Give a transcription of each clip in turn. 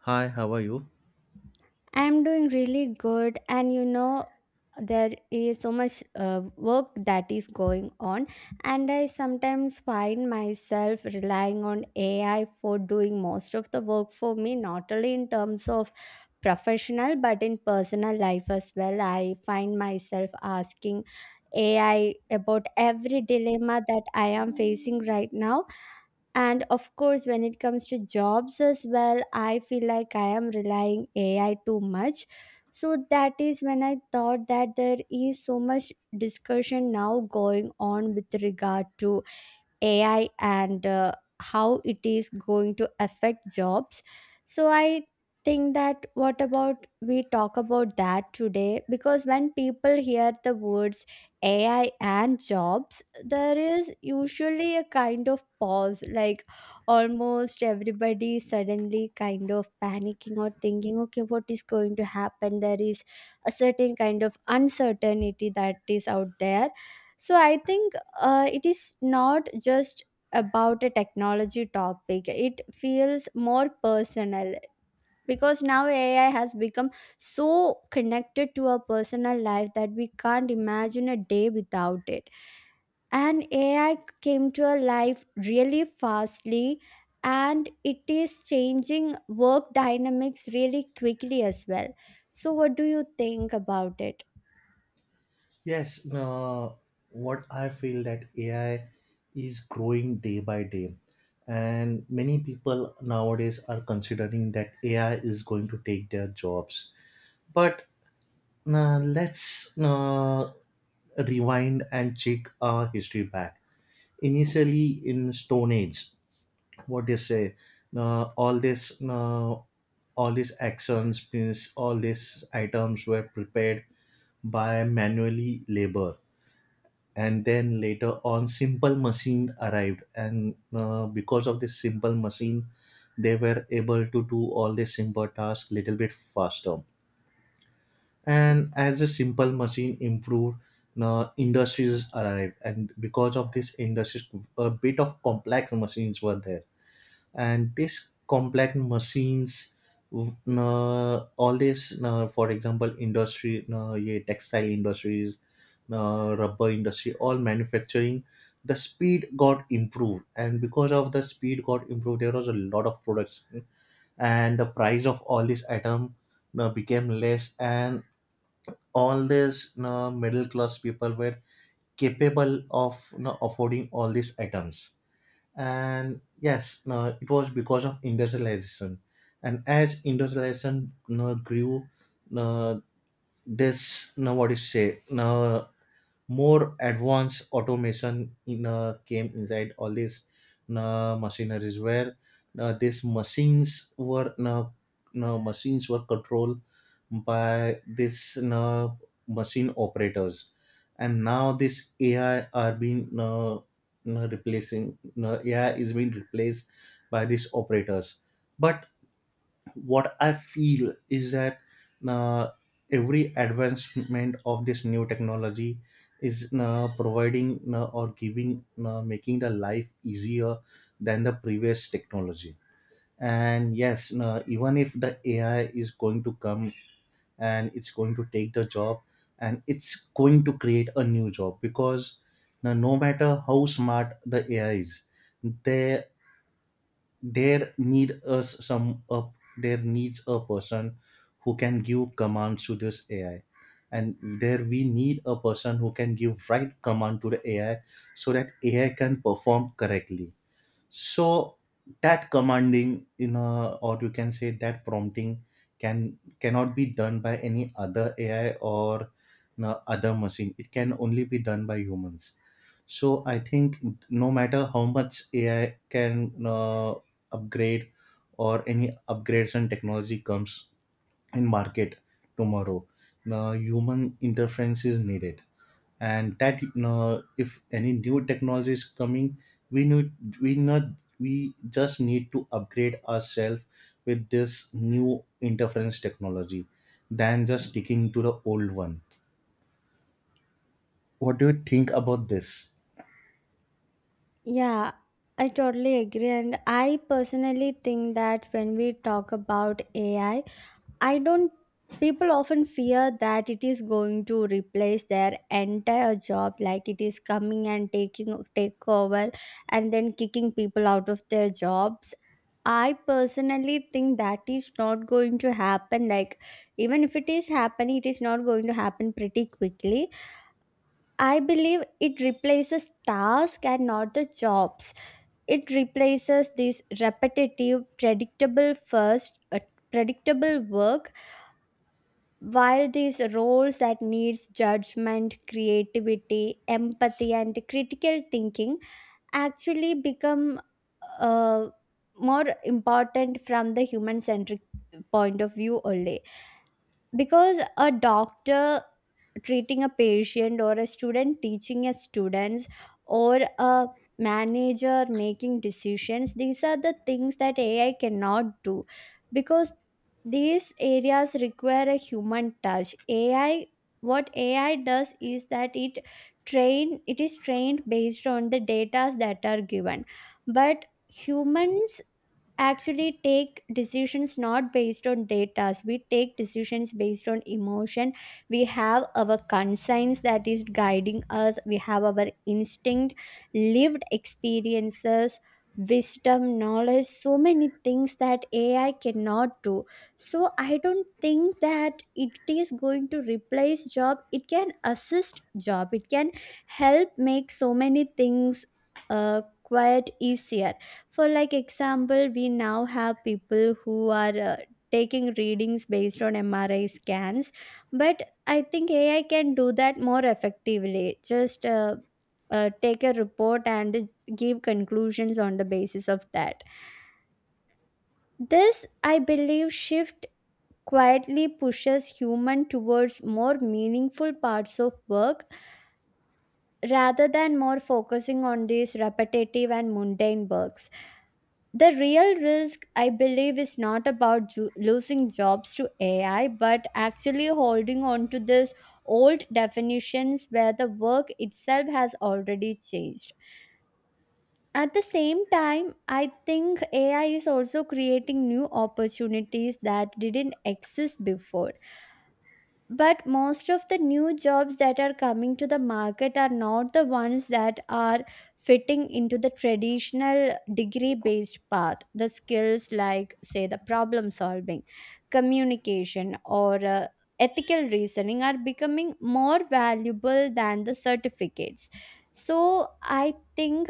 Hi, how are you? I'm doing really good, and you know, there is so much work that is going on, and I sometimes find myself relying on AI for doing most of the work for me, not only in terms of professional but in personal life as well. I find myself asking AI about every dilemma that I am facing right now, and of course when it comes to jobs as well, I feel like I am relying AI too much. So that is when I thought that there is so much discussion now going on with regard to AI and how it is going to affect jobs. So I think that what about we talk about that today, because when people hear the words AI and jobs, there is usually a kind of pause, like almost everybody suddenly kind of panicking or thinking, okay, what is going to happen? There is a certain kind of uncertainty that is out there. So I think it is not just about a technology topic, it feels more personal because now AI has become so connected to our personal life that we can't imagine a day without it, and AI came to our life really fastly, and it is changing work dynamics really quickly as well. So what do you think about it? Yes, uh, what I feel that AI is growing day by day, and many people nowadays are considering that AI is going to take their jobs. But let's rewind and check our history back. Initially, in Stone Age, what do you say all this all these actions means all these items were prepared by manually labor, and then later on simple machine arrived, and because of this simple machine they were able to do all the simple tasks little bit faster. And as the simple machine improved, industries arrived, and because of this industries a bit of complex machines were there. And these complex machines, all this for example textile industries, rubber industry, all manufacturing, the speed got improved, and because of the speed got improved there was a lot of products, and the price of all these item became less, and all these middle class people were capable of, affording all these items. And yes, no, it was because of industrialization. And as industrialization you grew, uh, this now what you say, now more advanced automation in came inside all these machineries, where these machines were controlled by this machine operators. And now this AI are being replacing, AI is being replaced by these operators. But what I feel is that, uh, every advancement of this new technology is providing or giving making the life easier than the previous technology. And yes, even if the AI is going to come and it's going to take the job, and it's going to create a new job, because no matter how smart the AI is, they there need us some up there needs a person who can give commands to this AI, and there we need a person who can give right command to the AI so that AI can perform correctly. So that commanding, or you can say that prompting, cannot be done by any other AI or, other machine. It can only be done by humans. So I think no matter how much AI can, upgrade, or any upgrades and technology comes in market tomorrow, now human interference is needed. And that, if any new technology is coming, we need we not we just need to upgrade ourselves with this new interference technology than just sticking to the old one. What do you think about this? Yeah, I totally agree. And I personally think that when we talk about AI, I don't, people often fear that it is going to replace their entire job, like it is coming and taking, take over and then kicking people out of their jobs. I personally think that is not going to happen. Like, even if it is happening, it is not going to happen pretty quickly. I believe it replaces task and not the jobs. It replaces this repetitive, predictable first, predictable work, while these roles that needs judgment, creativity, empathy and critical thinking actually become uh, more important from the human centric point of view only, because a doctor treating a patient, or a student teaching a students, or a manager making decisions, these are the things that AI cannot do, because these areas require a human touch. AI, what AI does is that it train, it is trained based on the data that are given, but humans actually take decisions not based on data. We take decisions based on emotion. We have our conscience that is guiding us, we have our instinct, lived experiences, wisdom, knowledge, so many things that AI cannot do. So I don't think that it is going to replace job, it can assist job, it can help make so many things quite easier. For like example, we now have people who are taking readings based on MRI scans, but I think AI can do that more effectively. Just take a report and give conclusions on the basis of that. This, I believe, shift quietly pushes human towards more meaningful parts of work rather than more focusing on these repetitive and mundane works. The real risk, I believe, is not about losing jobs to AI, but actually holding on to these old definitions where the work itself has already changed. At the same time, I think AI is also creating new opportunities that didn't exist before, but most of the new jobs that are coming to the market are not the ones that are fitting into the traditional degree based path. The skills like, say, the problem solving, communication or ethical reasoning are becoming more valuable than the certificates. So I think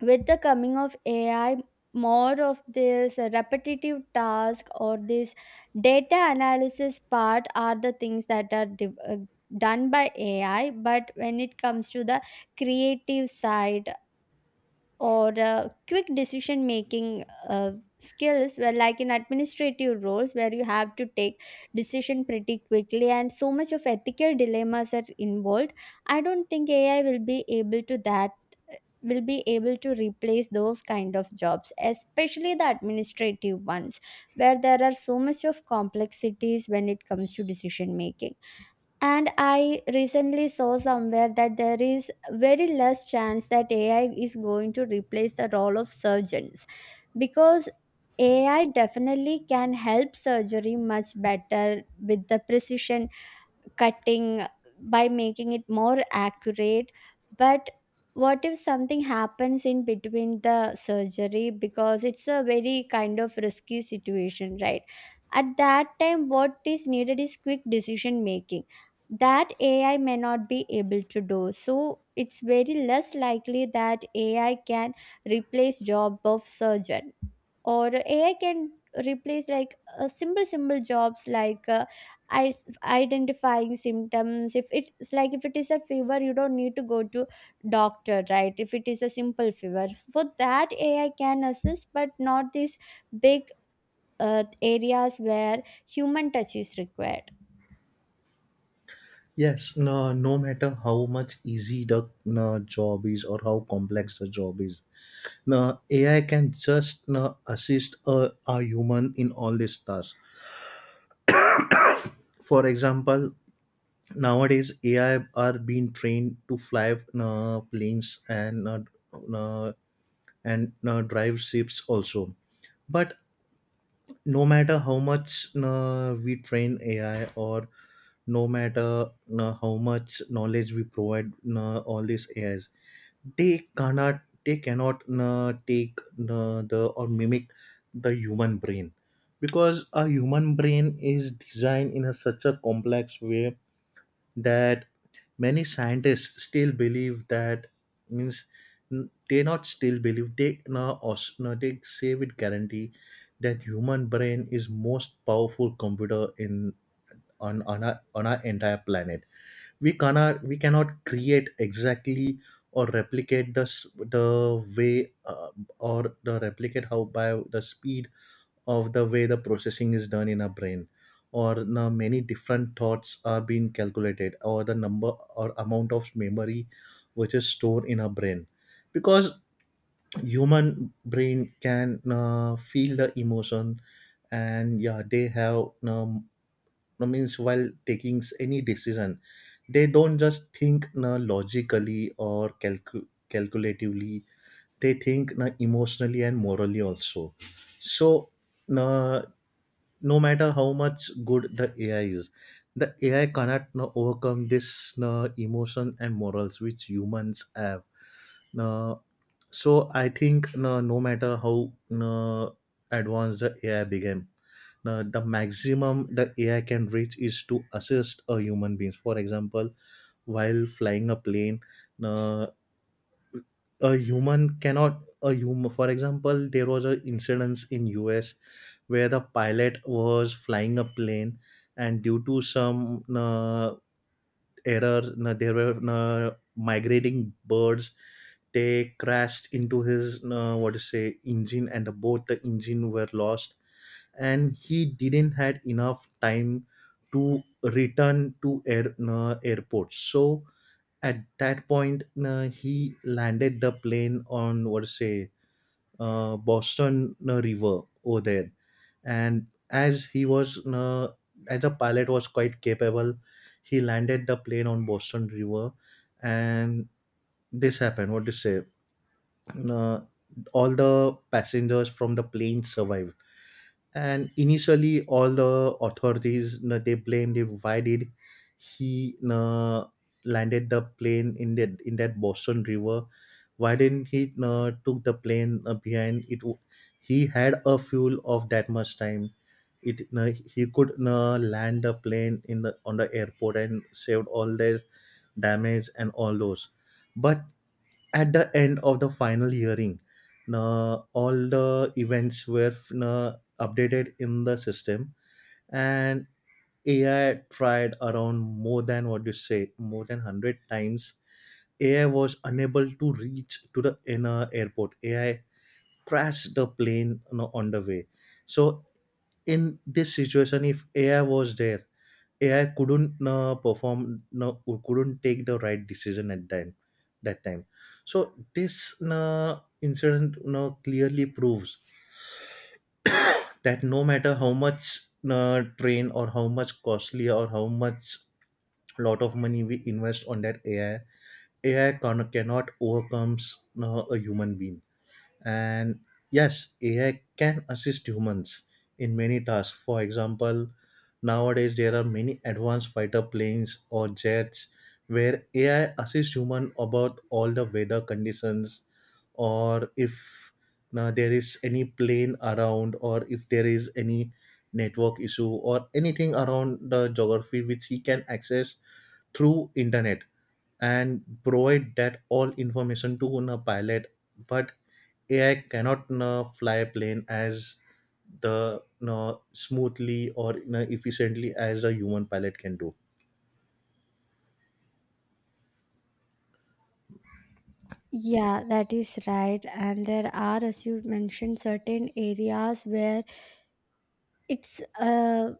with the coming of AI, more of this repetitive task or this data analysis part are the things that are done by AI. But when it comes to the creative side, or quick decision making uh, skills, where like in administrative roles where you have to take decision pretty quickly and so much of ethical dilemmas are involved, I don't think AI will be able to replace those kind of jobs, especially the administrative ones where there are so much of complexities when it comes to decision making. And I recently saw somewhere that there is very less chance that AI is going to replace the role of surgeons, because AI definitely can help surgery much better with the precision cutting, by making it more accurate. But what if something happens in between the surgery, because it's a very kind of risky situation, right? At that time what is needed is quick decision making, that AI may not be able to do. So it's very less likely that AI can replace job of surgeon, or AI can replace like simple jobs like I, identifying symptoms. If it's like, if it is a fever you don't need to go to doctor, right? If it is a simple fever, for that AI can assist, but not these big areas where human touch is required. Yes, no, no matter how much easy the, no, job is, or how complex the job is, no, AI can just, no, assist a human in all these tasks. For example, nowadays AI are being trained to fly planes uh, and drive ships also. But no matter how much we train AI, or no matter how much knowledge we provide all these AIs, they cannot take the or mimic the human brain, because a human brain is designed in a such a complex way that many scientists still believe that, means, n- they not still believe they no os- now they say with guarantee that human brain is most powerful computer in, on our entire planet. We cannot create exactly or replicate the way, or the replicate how by the speed of the way the processing is done in our brain, or now many different thoughts are being calculated, or the number or amount of memory which is stored in our brain. Because human brain can feel the emotion, and yeah they have no means, while taking any decision they don't just think calculatively, they think emotionally and morally also. So, na, no matter how much good the AI is, the AI cannot, no, overcome this, no, emotion and morals which humans have. No, so I think, no, no matter how, no, advanced the AI became, no, the maximum the AI can reach is to assist a human beings. For example, while flying a plane, no, a human cannot a human for example, there was an incident in US where the pilot was flying a plane, and due to some error, there were migrating birds, they crashed into his, what to say, engine, and both the engine were lost, and he didn't had enough time to return to airport. So at that point, he landed the plane on, what to say, Boston river over there. And as he was as a pilot was quite capable, he landed the plane on Boston river. And this happened, what to say, uh, all the passengers from the plane survived. And initially all the authorities, they blamed it, why did he, landed the plane in that Boston river? Why didn't he, took the plane behind it? He had a fuel of that much time, it he could, land the plane in the, on the airport and saved all their damage and all those. But at the end of the final hearing, na, all the events were, na, updated in the system. And AI tried around, more than what you say, more than 100 times AI was unable to reach to the inner airport. AI crashed the plane, on the way. So in this situation, if AI was there, AI couldn't perform, no, couldn't take the right decision at that time. So this incident clearly proves that no matter how much train, or how much costly, or how much lot of money we invest on that AI, AI cannot overcomes a human being. And yes, AI can assist humans in many tasks. For example, nowadays there are many advanced fighter planes or jets where AI assists human about all the weather conditions, or if there is any plane around, or if there is any network issue, or anything around the geography which he can access through internet, and provide that all information to a pilot. But AI cannot fly a plane as the smoothly or, efficiently as a human pilot can do. Yeah, that is right, and there are, as you mentioned, certain areas where it's uh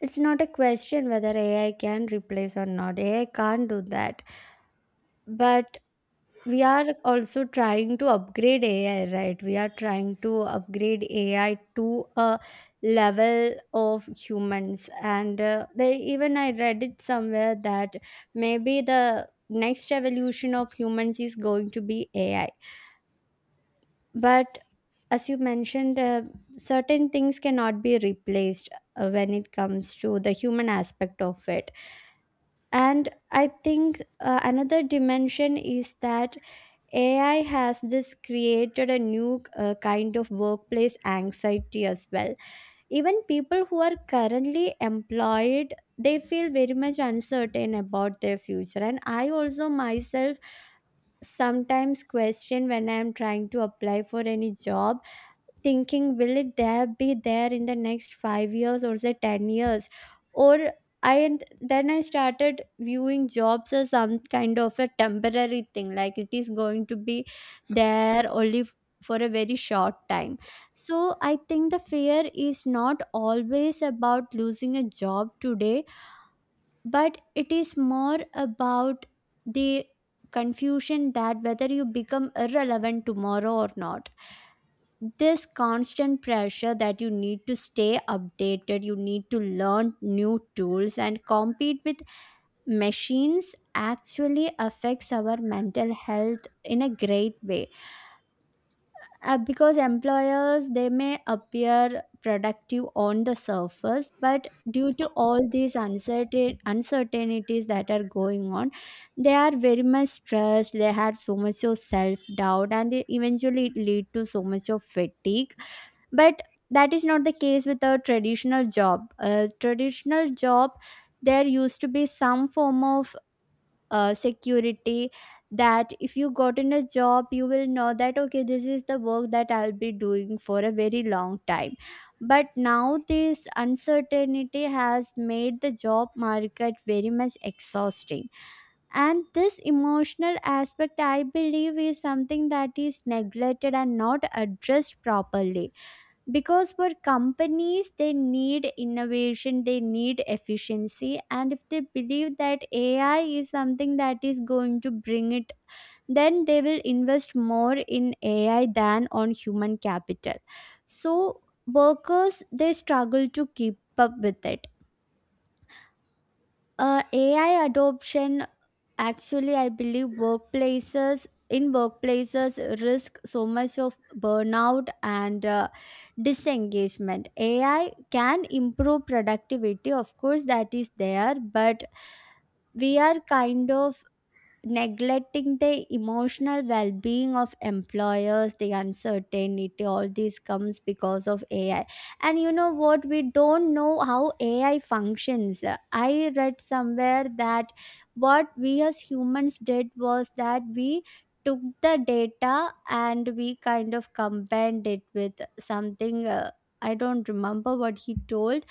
it's not a question whether AI can replace or not. AI can't do that. But we are also trying to upgrade AI, right? We are trying to upgrade AI to a level of humans. And they, even I read it somewhere that maybe the next evolution of humans is going to be AI, but as you mentioned, certain things cannot be replaced when it comes to the human aspect of it. And I think another dimension is that AI has this created a new kind of workplace anxiety as well. Even people who are currently employed, they feel very much uncertain about their future, and I also myself sometimes question when I am trying to apply for any job, thinking will it there be there in the next 5 years or the 10 years, or I and then I started viewing jobs as some kind of a temporary thing, like it is going to be there only for a very short time. So I think the fear is not always about losing a job today, but it is more about the confusion that whether you become irrelevant tomorrow or not. This constant pressure that you need to stay updated, you need to learn new tools and compete with machines actually affects our mental health in a great way. Because employers they may appear productive on the surface, but due to all these uncertainties that are going on, they are very much stressed. They had so much of self doubt, and it eventually it lead to so much of fatigue. But that is not the case with a traditional job. A traditional job, there used to be some form of security, that if you got in a job you will know that, okay, this is the work that I'll be doing for a very long time. But now this uncertainty has made the job market very much exhausting, and this emotional aspect, I believe, is something that is neglected and not addressed properly, because for companies they need innovation, they need efficiency, and if they believe that AI is something that is going to bring it, then they will invest more in AI than on human capital. So workers, they struggle to keep up with it. AI adoption actually, I believe, workplaces in workplaces risk so much of burnout and disengagement. AI can improve productivity, of course, that is there, but we are kind of neglecting the emotional well-being of employers. The uncertainty, all this comes because of AI. And you know what, we don't know how AI functions. I read somewhere that what we as humans did was that we took the data and we kind of combined it with something, I don't remember what he told,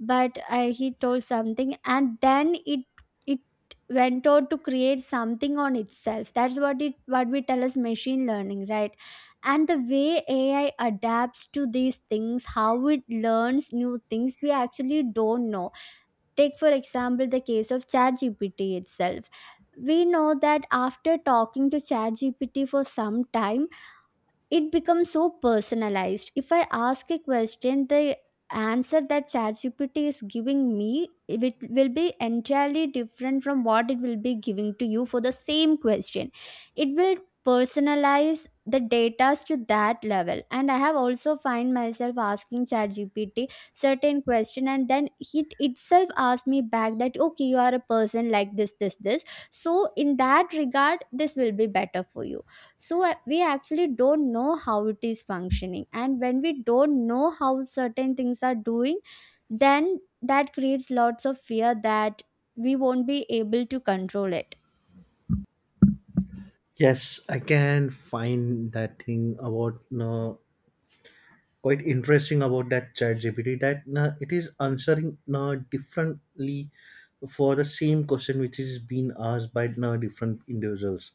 but he told something and then it went on to create something on itself. That's what it what we tell as machine learning, right? And the way AI adapts to these things, how it learns new things, we actually don't know. Take for example the case of ChatGPT itself. We know that after talking to ChatGPT for some time, it becomes so personalized. If I ask a question, the answer that ChatGPT is giving me, it will be entirely different from what it will be giving to you for the same question. It will personalize the data to that level, and I have also find myself asking ChatGPT certain question, and then it itself asked me back that, okay, you are a person like this, so in that regard this will be better for you. So we actually don't know how it is functioning, and when we don't know how certain things are doing, then that creates lots of fear that we won't be able to control it. Yes, I can find that thing about quite interesting about that chat GPT that it is answering differently for the same question which is being asked by different individuals.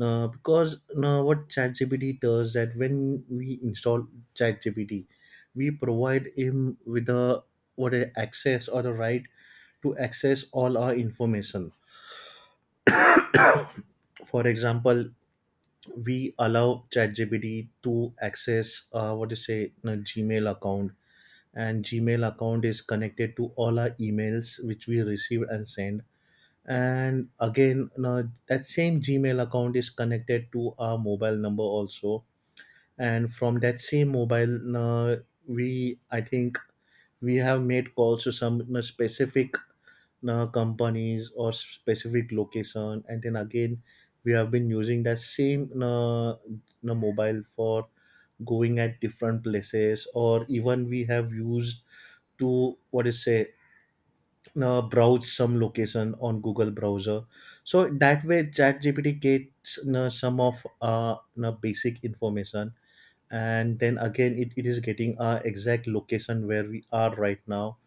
Because what ChatGPT does, that when we install ChatGPT, we provide him with the, what a, access or the right to access all our information. For example, we allow ChatGPT to access, what to say, a Gmail account, and Gmail account is connected to all our emails which we receive and send. And again, now that same Gmail account is connected to our mobile number also, and from that same mobile, we I think we have made calls to some, specific companies or specific location, and then again we have been using that same, mobile for going at different places. Or even we have used to, what is say, browse some location on Google browser. So that way ChatGPT gets, some of, basic information. And then again it is getting our exact location where we are right now,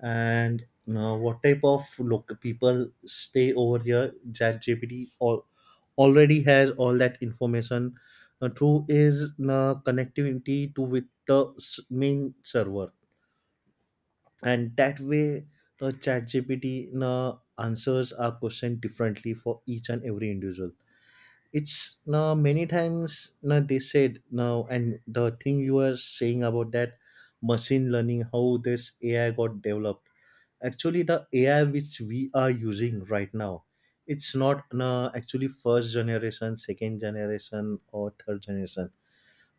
and what type of loc people stay over here. ChatGPT all already has all that information through is connectivity to with the main server. And that way chat uh, answers our question differently for each and every individual. It's now many times now they said now and the thing you are saying about that machine learning, how this AI got developed, actually the AI which we are using right now, it's not actually first generation, second generation, or third generation.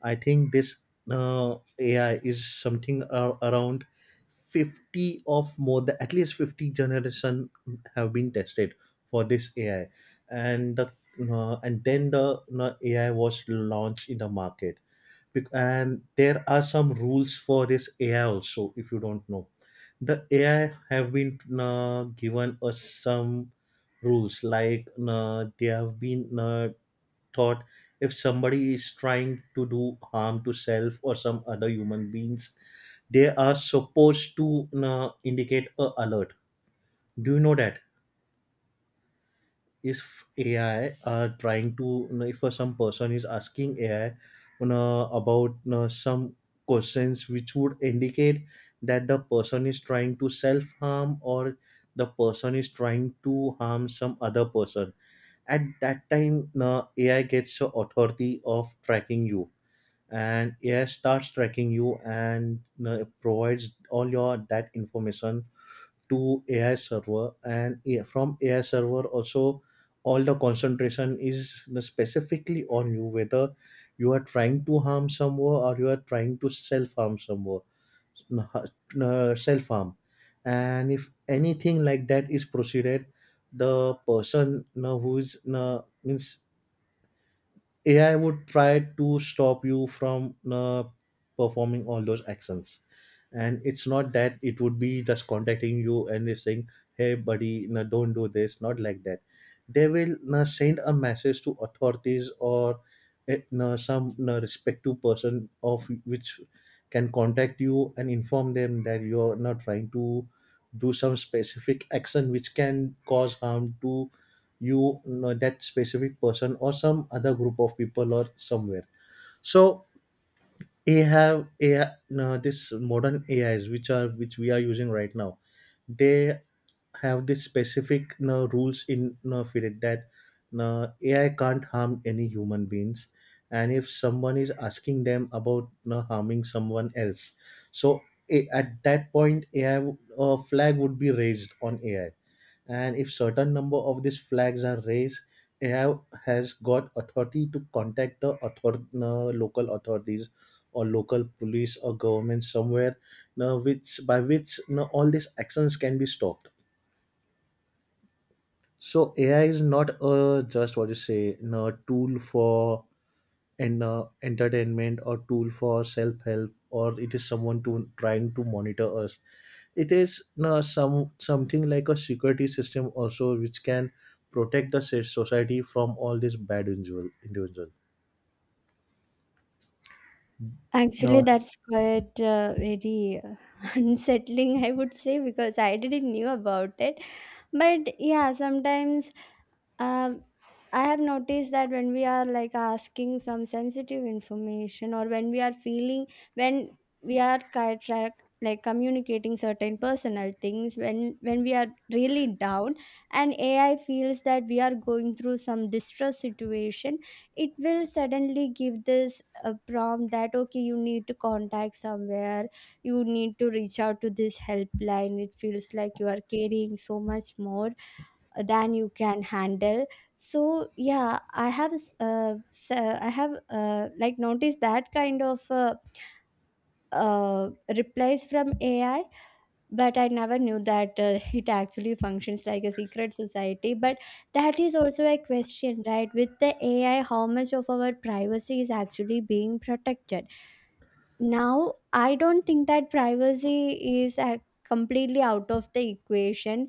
I think this AI is something around 50, of more than at least 50 generation have been tested for this AI. And the and then the AI was launched in the market. And there are some rules for this AI also, if you don't know. The AI have been given us some rules, like they have been thought, if somebody is trying to do harm to self or some other human beings, they are supposed to indicate a alert. Do you know that, if AI are trying to, if some person is asking AI, about, some questions which would indicate that the person is trying to self harm, or the person is trying to harm some other person. At that time, AI gets the authority of tracking you, and AI starts tracking you, and provides all your that information to AI server, and from AI server also, all the concentration is specifically on you, whether you are trying to harm someone or you are trying to self harm someone, self harm. And if anything like that is proceeded, the person who is means AI would try to stop you from performing all those actions. And it's not that it would be just contacting you and it's saying, hey, buddy, no, don't do this, not like that. They will send a message to authorities, or no, some no, respective person of which can contact you and inform them that you're not trying to do some specific action which can cause harm to that specific person or some other group of people or somewhere. So AI, no, this modern AIs which are which we are using right now. They have this specific no, rules in no, for it that no, AI can't harm any human beings, and if someone is asking them about no, harming someone else, so at that point AI, flag would be raised on AI, and if certain number of these flags are raised, AI has got authority to contact the author, no, local authorities, or local police or government somewhere. Now, which now all these actions can be stopped. So AI is not a just what you say, no, tool for an entertainment, or tool for self-help, or it is someone to trying to monitor us. It is no some something like a security system also which can protect the society from all this bad individual. Actually, No. that's quite very unsettling, I would say, because I didn't knew about it. But yeah, sometimes Um, I have noticed that when we are like asking some sensitive information, or when we are feeling, when we are like communicating certain personal things, when we are really down and AI feels that we are going through some distress situation, it will suddenly give this prompt that, okay, you need to contact somewhere, you need to reach out to this helpline. It feels like you are carrying so much more than you can handle. So yeah, I have like noticed that kind of uh, replies from AI. But I never knew that, it actually functions like a secret society. But that is also a question, right, with the AI, how much of our privacy is actually being protected. Now I don't think that privacy is completely out of the equation.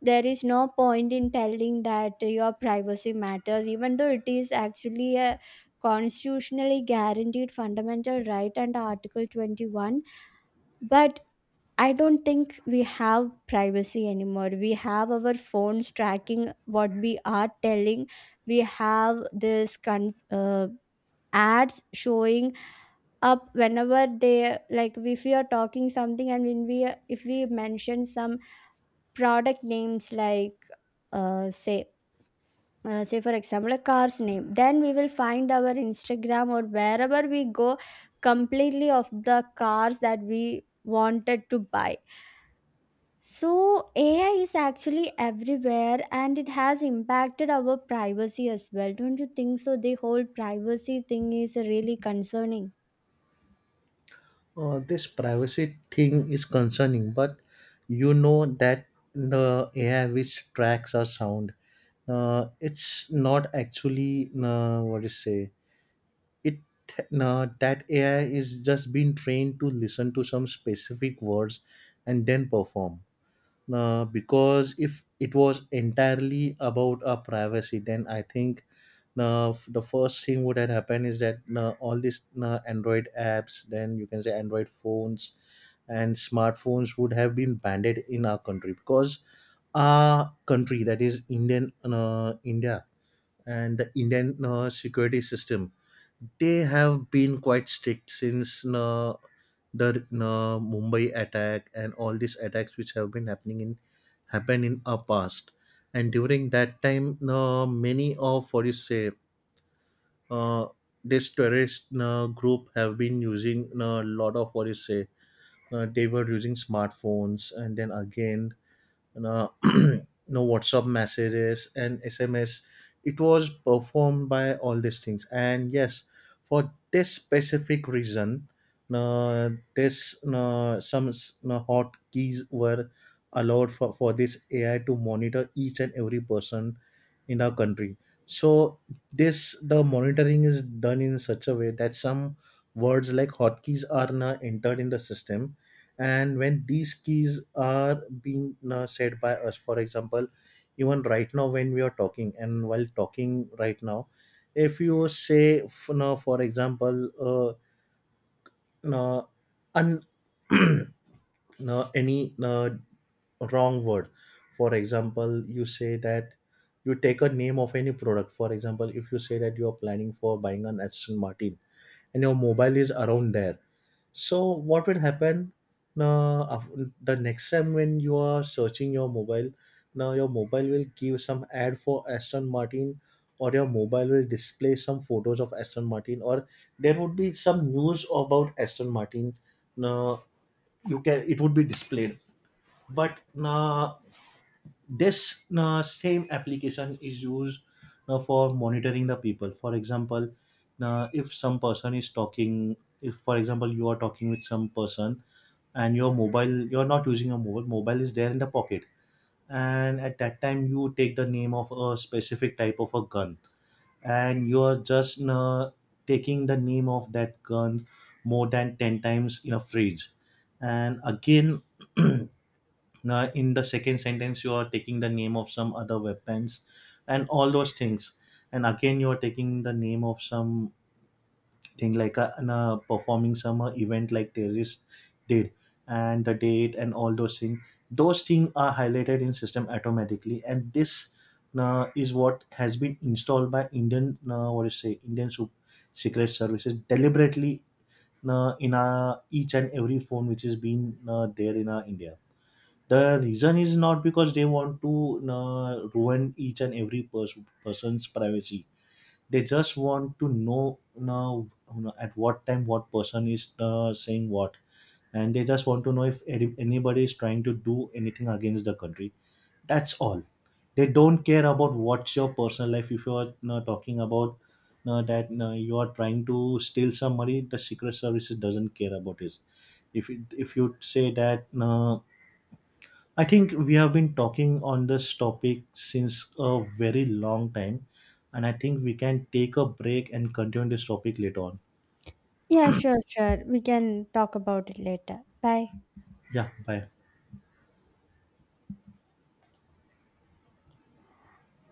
There is no point in telling that your privacy matters, even though it is actually a constitutionally guaranteed fundamental right under article 21. But I don't think we have privacy anymore. We have our phones tracking what we are telling, we have this ads showing up whenever they like. If we are talking something, and when we, if we mention some product names, like uh, say say for example a car's name, then we will find our Instagram or wherever we go completely of the cars that we wanted to buy. So AI is actually everywhere, and it has impacted our privacy as well. Don't you think so? The whole privacy thing is really concerning. This privacy thing is concerning, but you know that the AI which tracks our sound, it's not actually what is say it that AI is just being trained to listen to some specific words and then perform. Because if it was entirely about privacy, then I think the first thing would have happened is that all these Android apps, then you can say Android phones and smartphones would have been banned in our country, because our country, that is Indian, India, and the Indian security system, they have been quite strict since the Mumbai attack and all these attacks which have been happening in happened in our past. And during that time, many of what you say, uh, this terrorist group have been using a lot of what you say. They were using smartphones, and then again, you know, you WhatsApp messages and SMS. It was performed by all these things. And yes, for this specific reason, uh, this some hot keys were allowed for this AI to monitor each and every person in our country. So this the monitoring is done in such a way that some words like hotkeys are now entered in the system, and when these keys are being said by us, for example, even right now when we are talking. And while talking right now, if you say no, for example, no, un, no, any no, wrong word. For example, you say that you take a name of any product. For example, if you say that you are planning for buying an Aston Martin and your mobile is around there, so what will happen, now the next time when you are searching your mobile, now your mobile will give some ad for Aston Martin, or your mobile will display some photos of Aston Martin, or there would be some news about Aston Martin. Now you can, it would be displayed. But nah, this same application is used for monitoring the people. For example, if some person is talking, if for example you are talking with some person, and your mobile, you're not using your mobile is there in the pocket, and at that time you take the name of a specific type of a gun, and you are just taking the name of that gun more than 10 times in a phrase. And again, now, in the second sentence, you are taking the name of some other weapons and all those things. And again, you are taking the name of some thing like a, an, performing some event like terrorist did, and the date and all those things. Those things are highlighted in system automatically. And this is what has been installed by Indian, what do you say, Indian Secret Services deliberately in our, each and every phone which is being there in our India. The reason is not because they want to ruin each and every person's privacy. They just want to know now at what time what person is saying what, and they just want to know if anybody is trying to do anything against the country. That's all. They don't care about what's your personal life. If you're talking about that you are trying to steal some money, the secret services doesn't care about it. If if you say that, no, I think we have been talking on this topic since a very long time, and I think we can take a break and continue this topic later on. Yeah, sure, sure, we can talk about it later. Bye. Yeah, bye.